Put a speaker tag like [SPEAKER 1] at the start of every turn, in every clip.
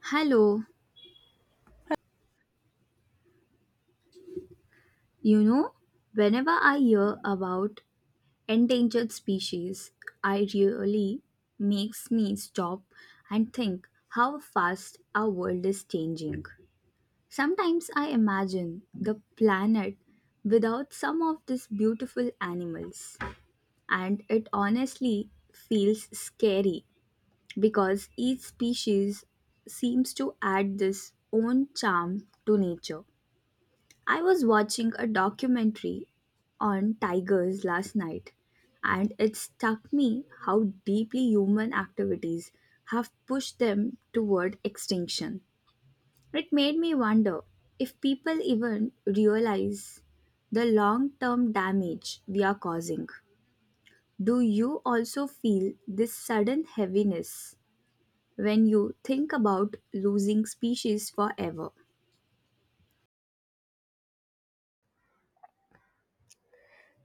[SPEAKER 1] Hello, you know, whenever I hear about endangered species, I really makes me stop and think how fast our world is changing. Sometimes I imagine the planet without some of these beautiful animals, and it honestly feels scary because each species seems to add this own charm to nature. I was watching a documentary on tigers last night, and it struck me how deeply human activities have pushed them toward extinction. It made me wonder if people even realize the long term damage we are causing. Do you also feel this sudden heaviness when you think about losing species forever?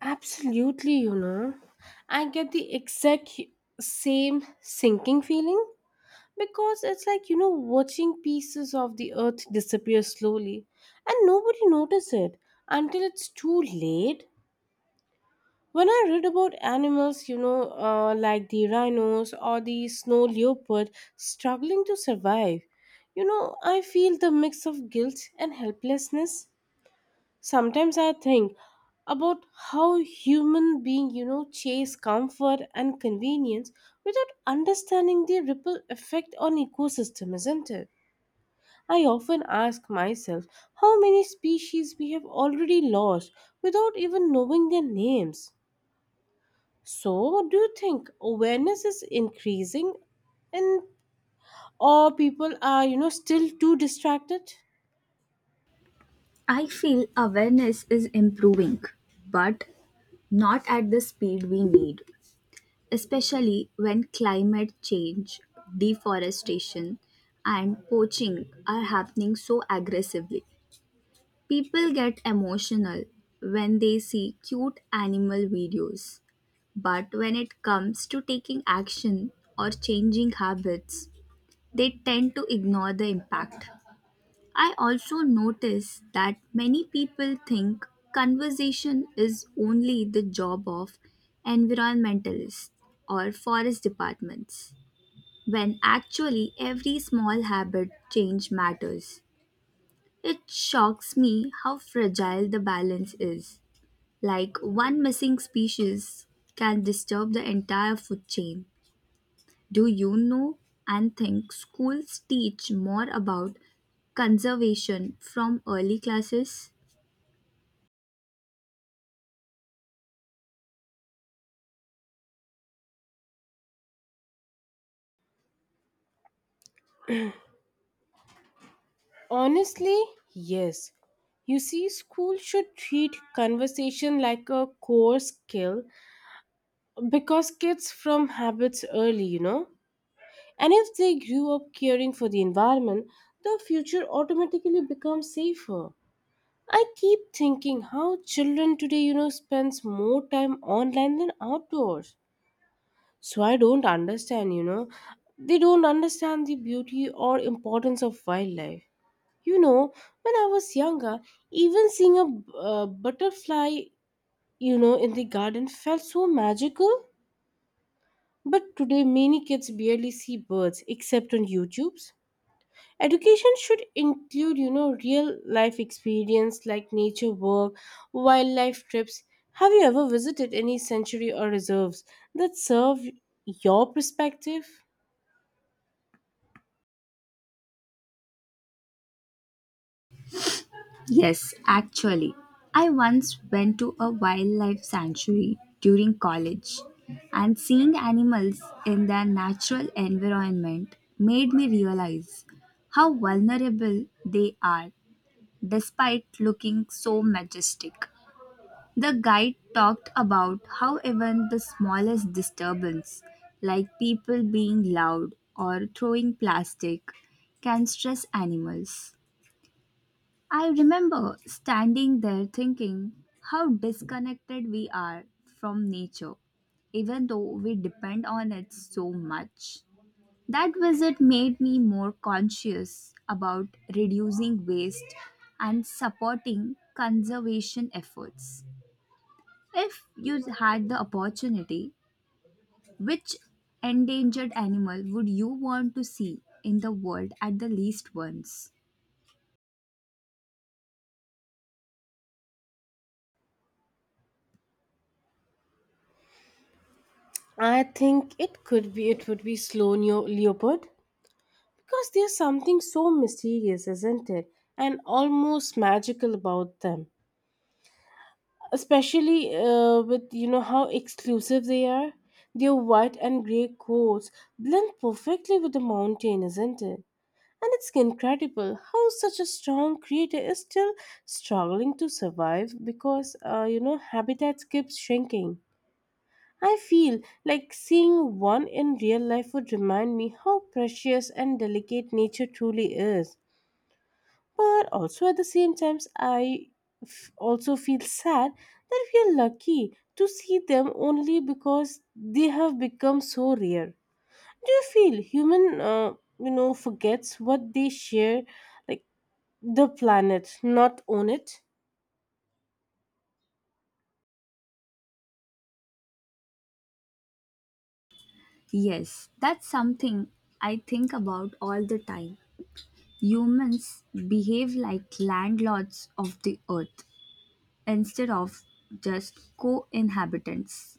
[SPEAKER 2] Absolutely, I get the same sinking feeling because it's like, watching pieces of the earth disappear slowly and nobody notice it until it's too late. When I read about animals, like the rhinos or the snow leopard struggling to survive, I feel the mix of guilt and helplessness. Sometimes I think about how human beings, chase comfort and convenience without understanding the ripple effect on ecosystem, isn't it? I often ask myself how many species we have already lost without even knowing their names. So, do you think awareness is increasing and or people are, still too distracted?
[SPEAKER 1] I feel awareness is improving, but not at the speed we need, especially when climate change, deforestation, and poaching are happening so aggressively. People get emotional when they see cute animal videos, but when it comes to taking action or changing habits, they tend to ignore the impact. I also notice that many people think conservation is only the job of environmentalists or forest departments, when actually every small habit change matters. It shocks me how fragile the balance is. Like one missing species can disturb the entire food chain. Do you know and think schools teach more about conservation from early classes?
[SPEAKER 2] Honestly, yes. You see, school should treat conversation like a core skill because kids form habits early. And if they grew up caring for the environment, the future automatically becomes safer. I keep thinking how children today, spends more time online than outdoors. So I don't understand. They don't understand the beauty or importance of wildlife. You know, when I was younger, even seeing a butterfly, in the garden felt so magical. But today, many kids barely see birds except on YouTube's. Education should include, real life experience like nature work, wildlife trips. Have you ever visited any sanctuary or reserves that serve your perspective?
[SPEAKER 1] Yes, actually. I once went to a wildlife sanctuary during college, and seeing animals in their natural environment made me realize how vulnerable they are despite looking so majestic. The guide talked about how even the smallest disturbance, like people being loud or throwing plastic, can stress animals. I remember standing there thinking how disconnected we are from nature, even though we depend on it so much. That visit made me more conscious about reducing waste and supporting conservation efforts. If you had the opportunity, which endangered animal would you want to see in the world at the least once?
[SPEAKER 2] I think it would be slow leopard. Because there's something so mysterious, isn't it? And almost magical about them. Especially with, how exclusive they are. Their white and grey coats blend perfectly with the mountain, isn't it? And it's incredible how such a strong creator is still struggling to survive because, habitats keep shrinking. I feel like seeing one in real life would remind me how precious and delicate nature truly is. But also at the same times also feel sad that we are lucky to see them only because they have become so rare. Do you feel human forgets what they share, like the planet not own it?
[SPEAKER 1] Yes, that's something I think about all the time. Humans behave like landlords of the earth instead of just co inhabitants.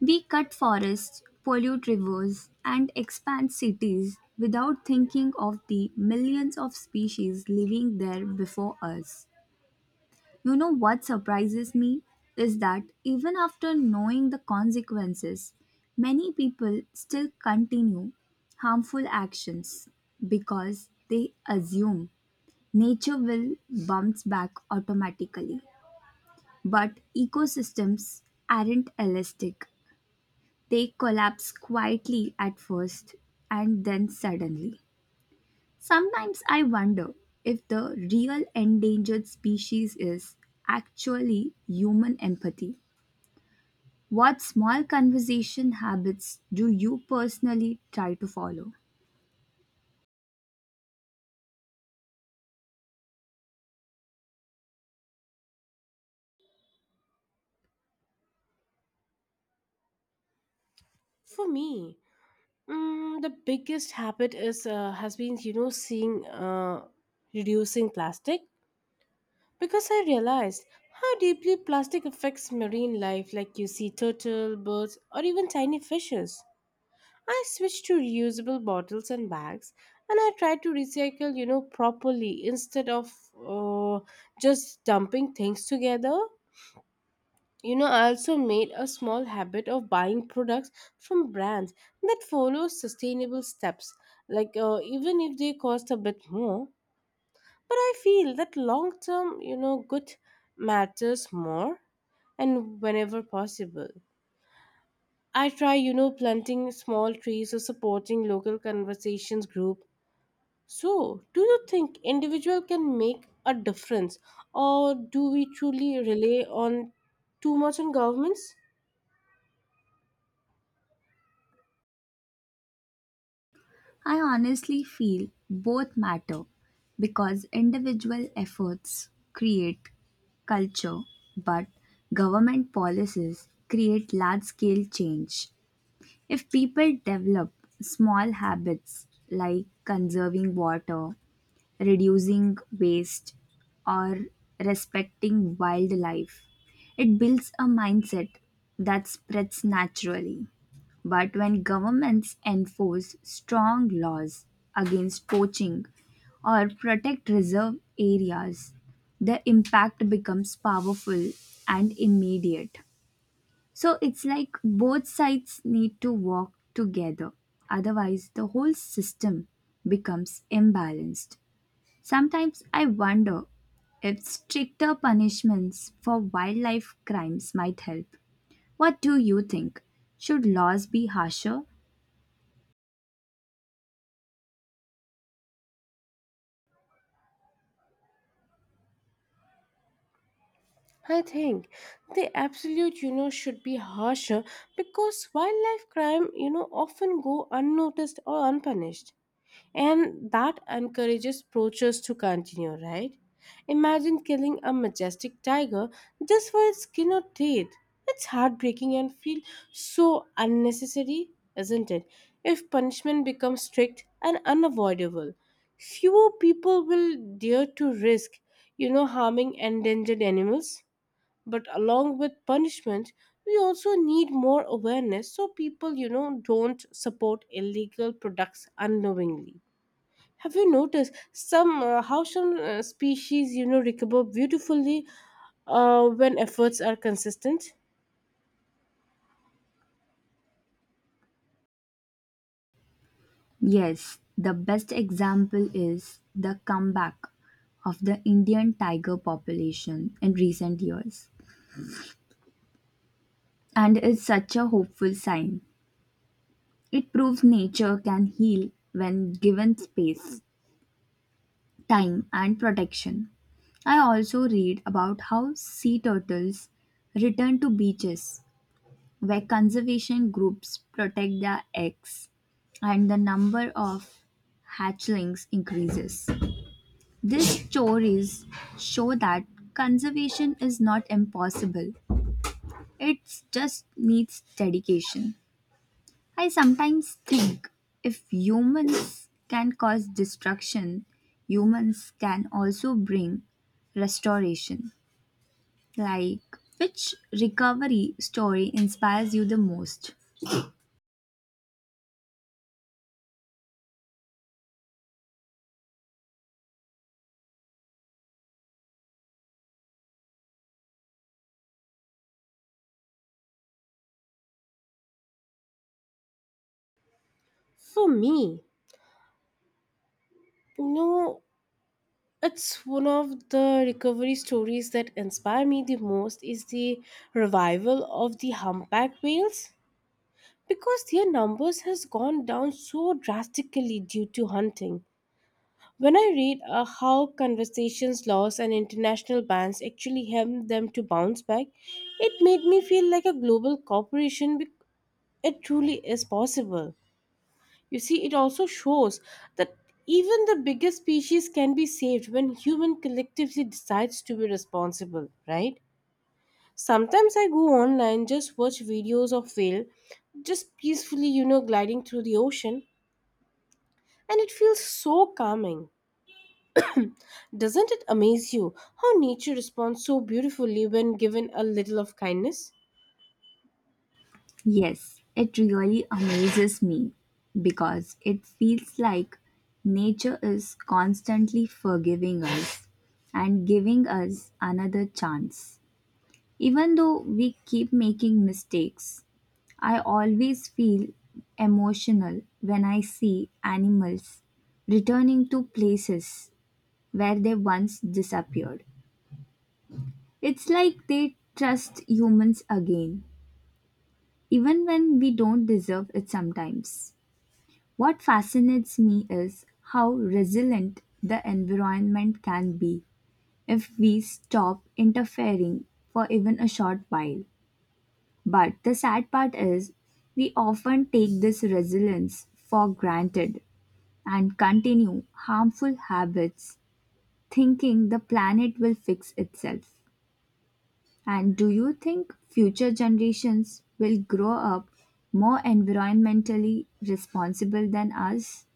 [SPEAKER 1] We cut forests, pollute rivers, and expand cities without thinking of the millions of species living there before us. You know what surprises me is that even after knowing the consequences, many people still continue harmful actions because they assume nature will bounce back automatically. But ecosystems aren't elastic, they collapse quietly at first and then suddenly. Sometimes I wonder if the real endangered species is actually human empathy. What small conversation habits do you personally try to follow?
[SPEAKER 2] For me, the biggest habit is has been you know seeing reducing plastic. Because I realized how deeply plastic affects marine life, like you see turtle, birds, or even tiny fishes. I switched to reusable bottles and bags, and I tried to recycle, properly instead of uh, just dumping things together. I also made a small habit of buying products from brands that follow sustainable steps, like even if they cost a bit more, but I feel that long term, good matters more. And whenever possible, I try, planting small trees or supporting local conversations group. So, do you think individual can make a difference, or do we truly rely on too much on governments?
[SPEAKER 1] I honestly feel both matter because individual efforts create culture, but government policies create large scale change. If people develop small habits like conserving water, reducing waste, or respecting wildlife. It builds a mindset that spreads naturally. But when governments enforce strong laws against poaching or protect reserve areas, the impact becomes powerful and immediate. So it's like both sides need to work together. Otherwise, the whole system becomes imbalanced. Sometimes I wonder if stricter punishments for wildlife crimes might help. What do you think? Should laws be harsher?
[SPEAKER 2] I think the absolute, should be harsher because wildlife crime, often go unnoticed or unpunished. And that encourages poachers to continue, right? Imagine killing a majestic tiger just for its skin or teeth. It's heartbreaking and feels so unnecessary, isn't it? If punishment becomes strict and unavoidable, fewer people will dare to risk, harming endangered animals. But along with punishment, we also need more awareness so people, don't support illegal products unknowingly. Have you noticed some how some species, recover beautifully when efforts are consistent?
[SPEAKER 1] Yes, the best example is the comeback of the Indian tiger population in recent years. And it's such a hopeful sign. It proves nature can heal when given space. Time and protection. I also read about how sea turtles return to beaches where conservation groups protect their eggs and the number of hatchlings increases. These stories show that conservation is not impossible, it just needs dedication. I sometimes think if humans can cause destruction, humans can also bring restoration. Like, which recovery story inspires you the most?
[SPEAKER 2] For me, you know, it's one of the recovery stories that inspire me the most is the revival of the humpback whales, because their numbers has gone down so drastically due to hunting. When I read how conversations, laws, and international bans actually help them to bounce back, it made me feel like a global corporation. It truly is possible. You see, it also shows that even the biggest species can be saved when human collectively decides to be responsible, right? Sometimes I go online, just watch videos of whale, just peacefully, gliding through the ocean, and it feels so calming. Doesn't it amaze you how nature responds so beautifully when given a little of kindness?
[SPEAKER 1] Yes, it really amazes me because it feels like nature is constantly forgiving us and giving us another chance. Even though we keep making mistakes, I always feel emotional when I see animals returning to places where they once disappeared. It's like they trust humans again, even when we don't deserve it sometimes. What fascinates me is how resilient the environment can be if we stop interfering for even a short while. But the sad part is, we often take this resilience for granted and continue harmful habits thinking the planet will fix itself. And do you think future generations will grow up more environmentally responsible than us?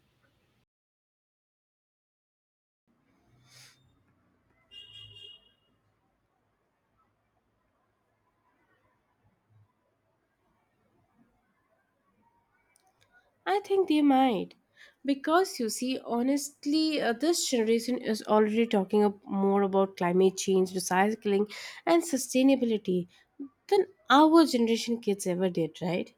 [SPEAKER 2] I think they might. Because you see, honestly, this generation is already talking up more about climate change, recycling, and sustainability than our generation kids ever did, right?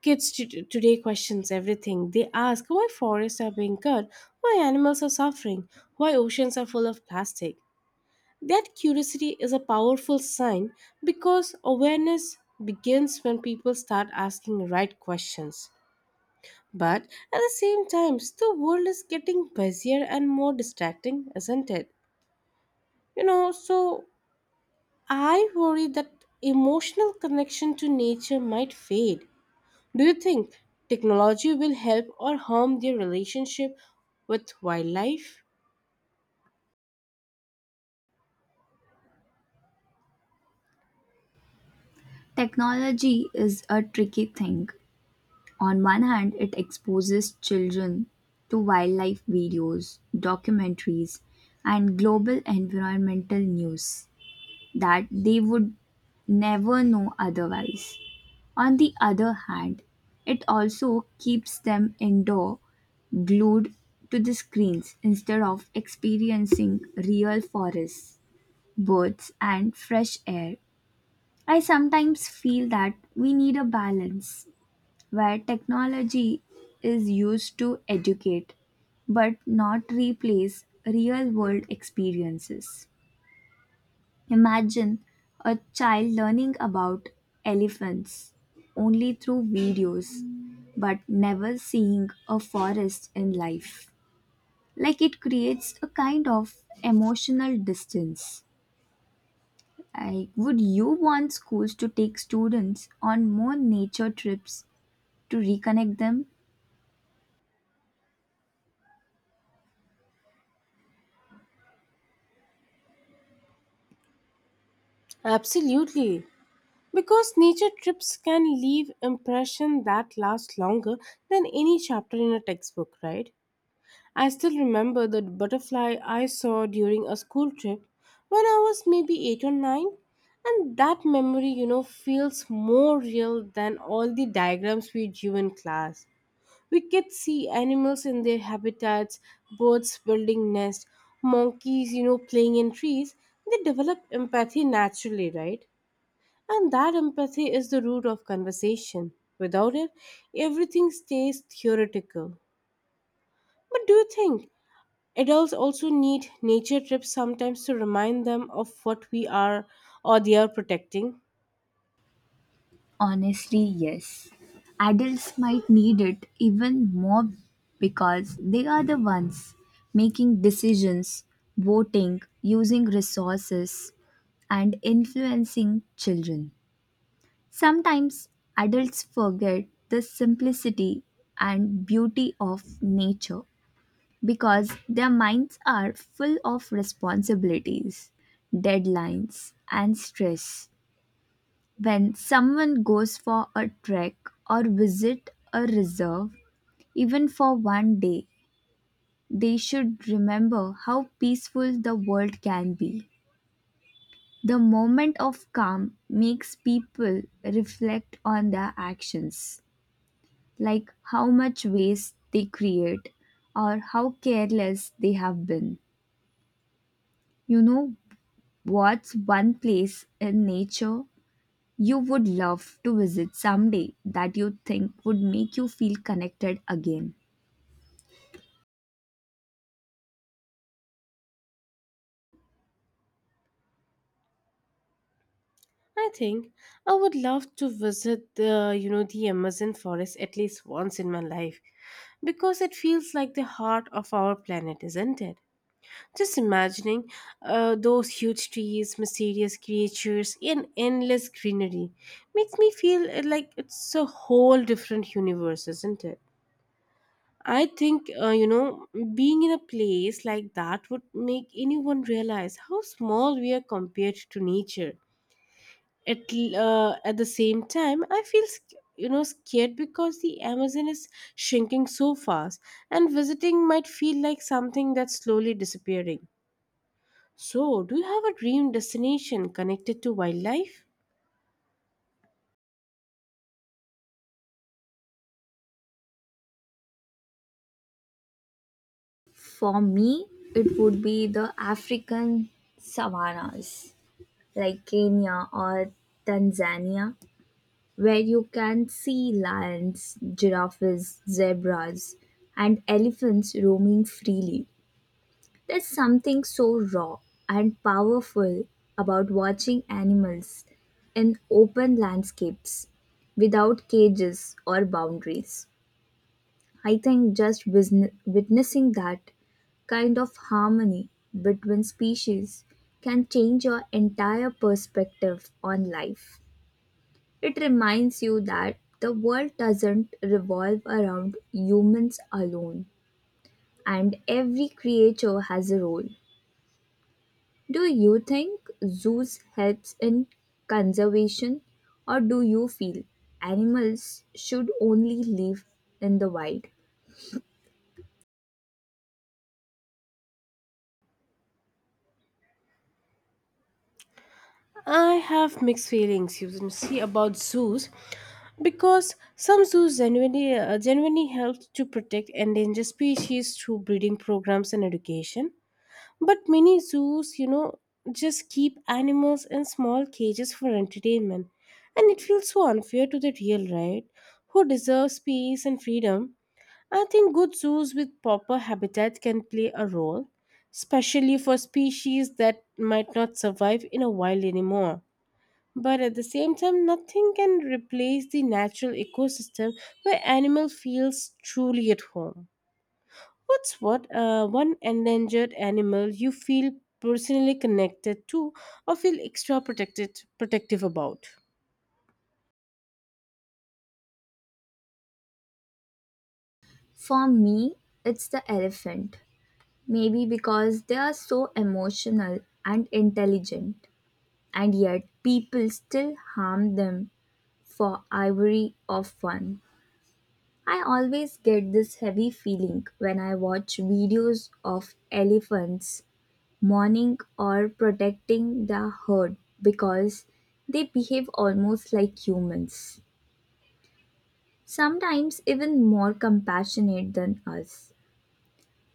[SPEAKER 2] Today questions everything. They ask why forests are being cut, why animals are suffering, why oceans are full of plastic. That curiosity is a powerful sign because awareness begins when people start asking the right questions. But at the same time, the world is getting busier and more distracting, isn't it? So I worry that emotional connection to nature might fade. Do you think technology will help or harm their relationship with wildlife?
[SPEAKER 1] Technology is a tricky thing. On one hand, it exposes children to wildlife videos, documentaries, and global environmental news that they would never know otherwise. On the other hand, it also keeps them indoor, glued to the screens instead of experiencing real forests, birds, and fresh air. I sometimes feel that we need a balance where technology is used to educate but not replace real world experiences. Imagine a child learning about elephants only through videos but never seeing a forest in life. Like it creates a kind of emotional distance. I, would you want schools to take students on more nature trips to reconnect them?
[SPEAKER 2] Absolutely. Because nature trips can leave impression that last longer than any chapter in a textbook, right? I still remember the butterfly I saw during a school trip when I was maybe 8 or 9, and that memory, feels more real than all the diagrams we drew in class. We could see animals in their habitats, birds building nests, monkeys, playing in trees. They develop empathy naturally, right? And that empathy is the root of conversation. Without it, everything stays theoretical. But do you think adults also need nature trips sometimes to remind them of what we are or they are protecting?
[SPEAKER 1] Honestly, yes. Adults might need it even more because they are the ones making decisions, voting, using resources, and influencing children. Sometimes adults forget the simplicity and beauty of nature because their minds are full of responsibilities, deadlines, and stress. When someone goes for a trek or visit a reserve, even for one day, they should remember how peaceful the world can be. The moment of calm makes people reflect on their actions, like how much waste they create or how careless they have been. You know what's one place in nature you would love to visit someday that you think would make you feel connected again?
[SPEAKER 2] I think I would love to visit the, the Amazon forest at least once in my life, because it feels like the heart of our planet, isn't it? Just imagining those huge trees, mysterious creatures, and endless greenery makes me feel like it's a whole different universe, isn't it? I think, being in a place like that would make anyone realize how small we are compared to nature. At, l- at the same time, I feel, scared because the Amazon is shrinking so fast, and visiting might feel like something that's slowly disappearing. So, do you have a dream destination connected to wildlife?
[SPEAKER 1] For me, it would be the African savannas like Kenya or Tanzania, where you can see lions, giraffes, zebras, and elephants roaming freely. There's something so raw and powerful about watching animals in open landscapes without cages or boundaries. I think just witnessing that kind of harmony between species can change your entire perspective on life. It reminds you that the world doesn't revolve around humans alone, and every creature has a role. Do you think zoos helps in conservation or do you feel animals should only live in the wild?
[SPEAKER 2] I have mixed feelings, you can see, about zoos because some zoos genuinely help to protect endangered species through breeding programs and education. But many zoos, just keep animals in small cages for entertainment. And it feels so unfair to the real, right? Who deserves peace and freedom. I think good zoos with proper habitat can play a role, especially for species that might not survive in a wild anymore. But at the same time, nothing can replace the natural ecosystem where animal feels truly at home. What's what One endangered animal you feel personally connected to or feel extra protected protective about?
[SPEAKER 1] For me, it's the elephant. Maybe because they are so emotional and intelligent and yet people still harm them for ivory or fun. I always get this heavy feeling when I watch videos of elephants mourning or protecting the herd because they behave almost like humans, sometimes even more compassionate than us.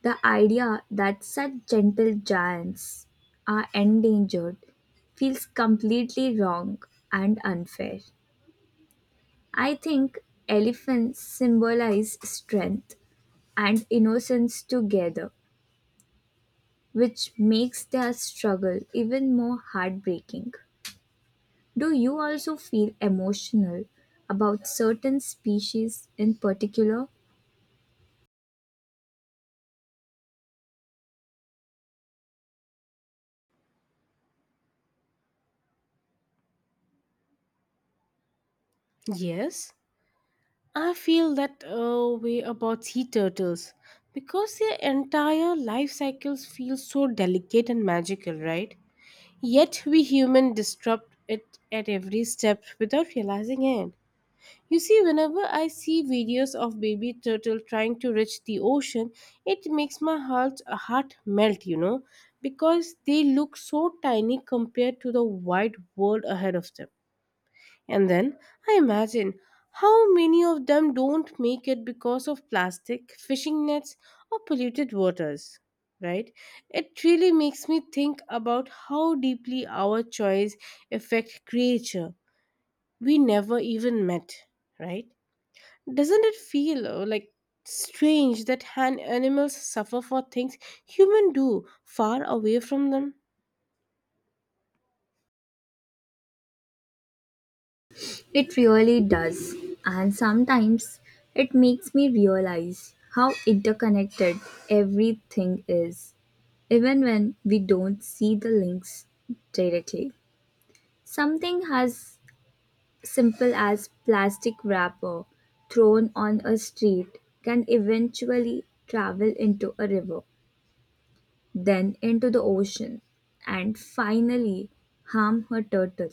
[SPEAKER 1] The idea that such gentle giants are endangered feels completely wrong and unfair. I think elephants symbolize strength and innocence together, which makes their struggle even more heartbreaking. Do you also feel emotional about certain species in particular?
[SPEAKER 2] Yes. I feel that way about sea turtles because their entire life cycles feel so delicate and magical, right? Yet we humans disrupt it at every step without realizing it. You see, whenever I see videos of baby turtle trying to reach the ocean, it makes my heart melt, because they look so tiny compared to the wide world ahead of them. And then I imagine how many of them don't make it because of plastic, fishing nets, or polluted waters. Right? It really makes me think about how deeply our choice affect creature we never even met. Right? Doesn't it feel like strange that hand animals suffer for things humans do far away from them?
[SPEAKER 1] It really does, and sometimes it makes me realize how interconnected everything is, even when we don't see the links directly. Something as simple as plastic wrapper thrown on a street can eventually travel into a river then into the ocean, and finally harm her turtle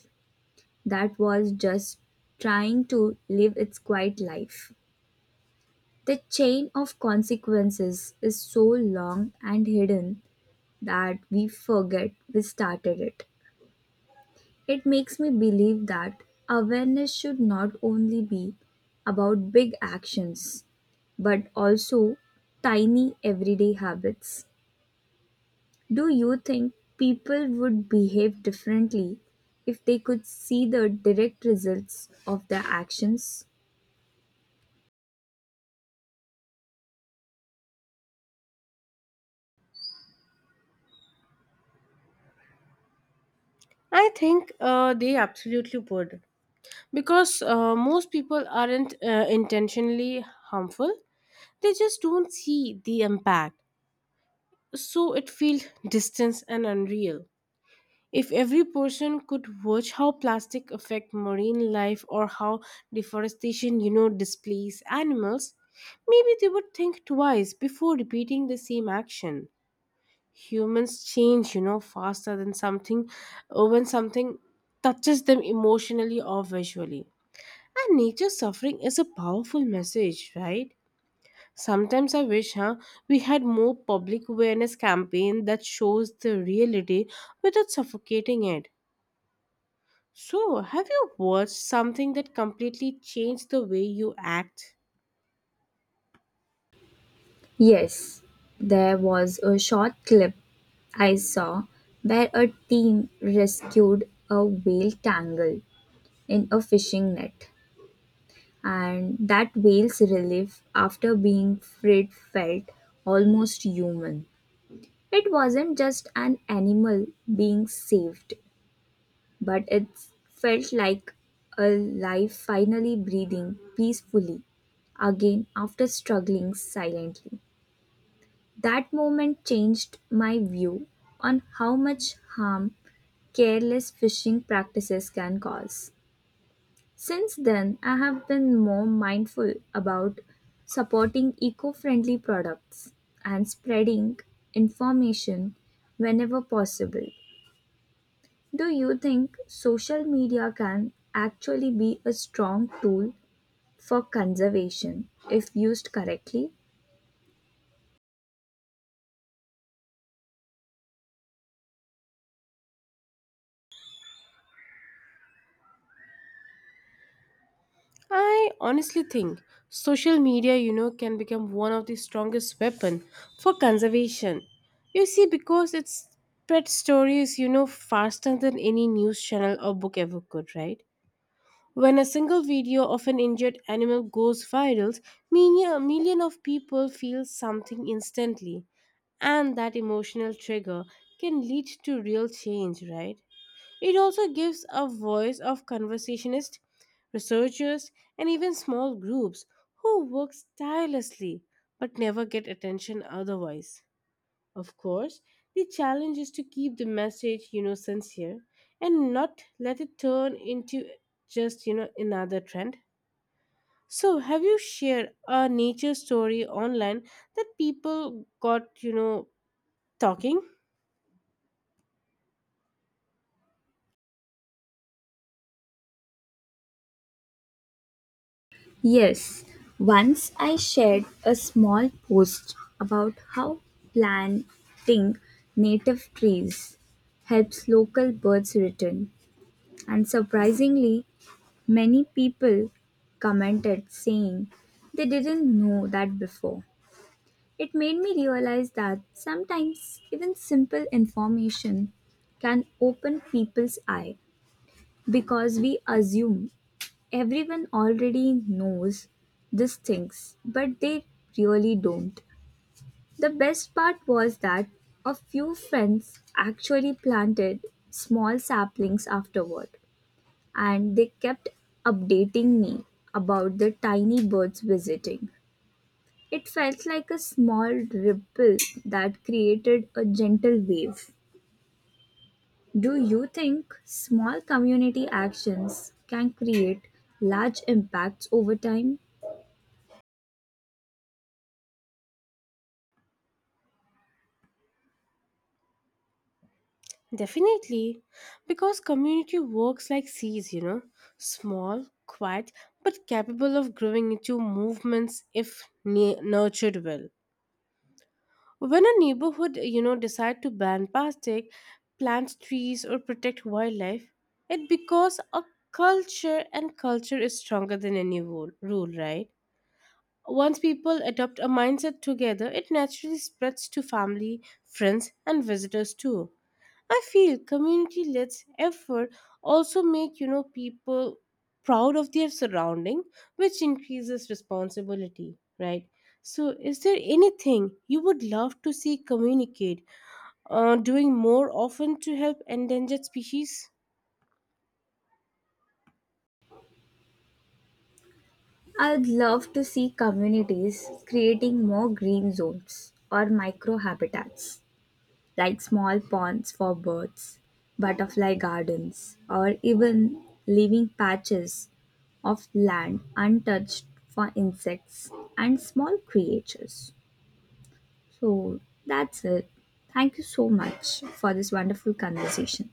[SPEAKER 1] that was just trying to live its quiet life. The chain of consequences is so long and hidden that we forget we started it. It makes me believe that awareness should not only be about big actions but also tiny everyday habits. Do you think people would behave differently if they could see the direct results of their actions?
[SPEAKER 2] I think they absolutely would, because most people aren't intentionally harmful. They just don't see the impact, so it feels distant and unreal. If every person could watch how plastic affect marine life, or how deforestation, displays animals, maybe they would think twice before repeating the same action. Humans change, faster than something when something touches them emotionally or visually, and nature's suffering is a powerful message, right? Sometimes I wish, we had more public awareness campaign that shows the reality without suffocating it. So, have you watched something that completely changed the way you act?
[SPEAKER 1] Yes, there was a short clip I saw where a team rescued a whale tangled in a fishing net, and that whale's relief after being freed felt almost human. It wasn't just an animal being saved, but it felt like a life finally breathing peacefully again after struggling silently. That moment changed my view on how much harm careless fishing practices can cause. Since then, I have been more mindful about supporting eco friendly products and spreading information whenever possible. Do you think social media can actually be a strong tool for conservation if used correctly?
[SPEAKER 2] I honestly think social media, can become one of the strongest weapon for conservation. You see, because it spreads stories, faster than any news channel or book ever could, right? When a single video of an injured animal goes viral, a million of people feel something instantly, and that emotional trigger can lead to real change, right? It also gives a voice of conversationists, researchers, and even small groups who work tirelessly but never get attention otherwise. Of course, the challenge is to keep the message, sincere and not let it turn into just another trend. So, have you shared a nature story online that people got, talking?
[SPEAKER 1] Yes, once I shared a small post about how planting native trees helps local birds return, and surprisingly, many people commented saying they didn't know that before. It made me realize that sometimes even simple information can open people's eye because we assume everyone already knows these things, but they really don't. The best part was that a few friends actually planted small saplings afterward, and they kept updating me about the tiny birds visiting. It felt like a small ripple that created a gentle wave. Do you think small community actions can create large impacts over time?
[SPEAKER 2] Definitely, because community works like seeds, small, quiet, but capable of growing into movements if nurtured well. When a neighborhood, decide to ban plastic, plant trees or protect wildlife, it becomes a culture, and culture is stronger than any rule, right? Once people adopt a mindset together, it naturally spreads to family, friends and visitors too. I feel community led effort also make, people proud of their surrounding, which increases responsibility, right? So, is there anything you would love to see communicate doing more often to help endangered species?
[SPEAKER 1] I'd love to see communities creating more green zones or micro habitats, like small ponds for birds, butterfly gardens, or even leaving patches of land untouched for insects and small creatures. So that's it. Thank you so much for this wonderful conversation.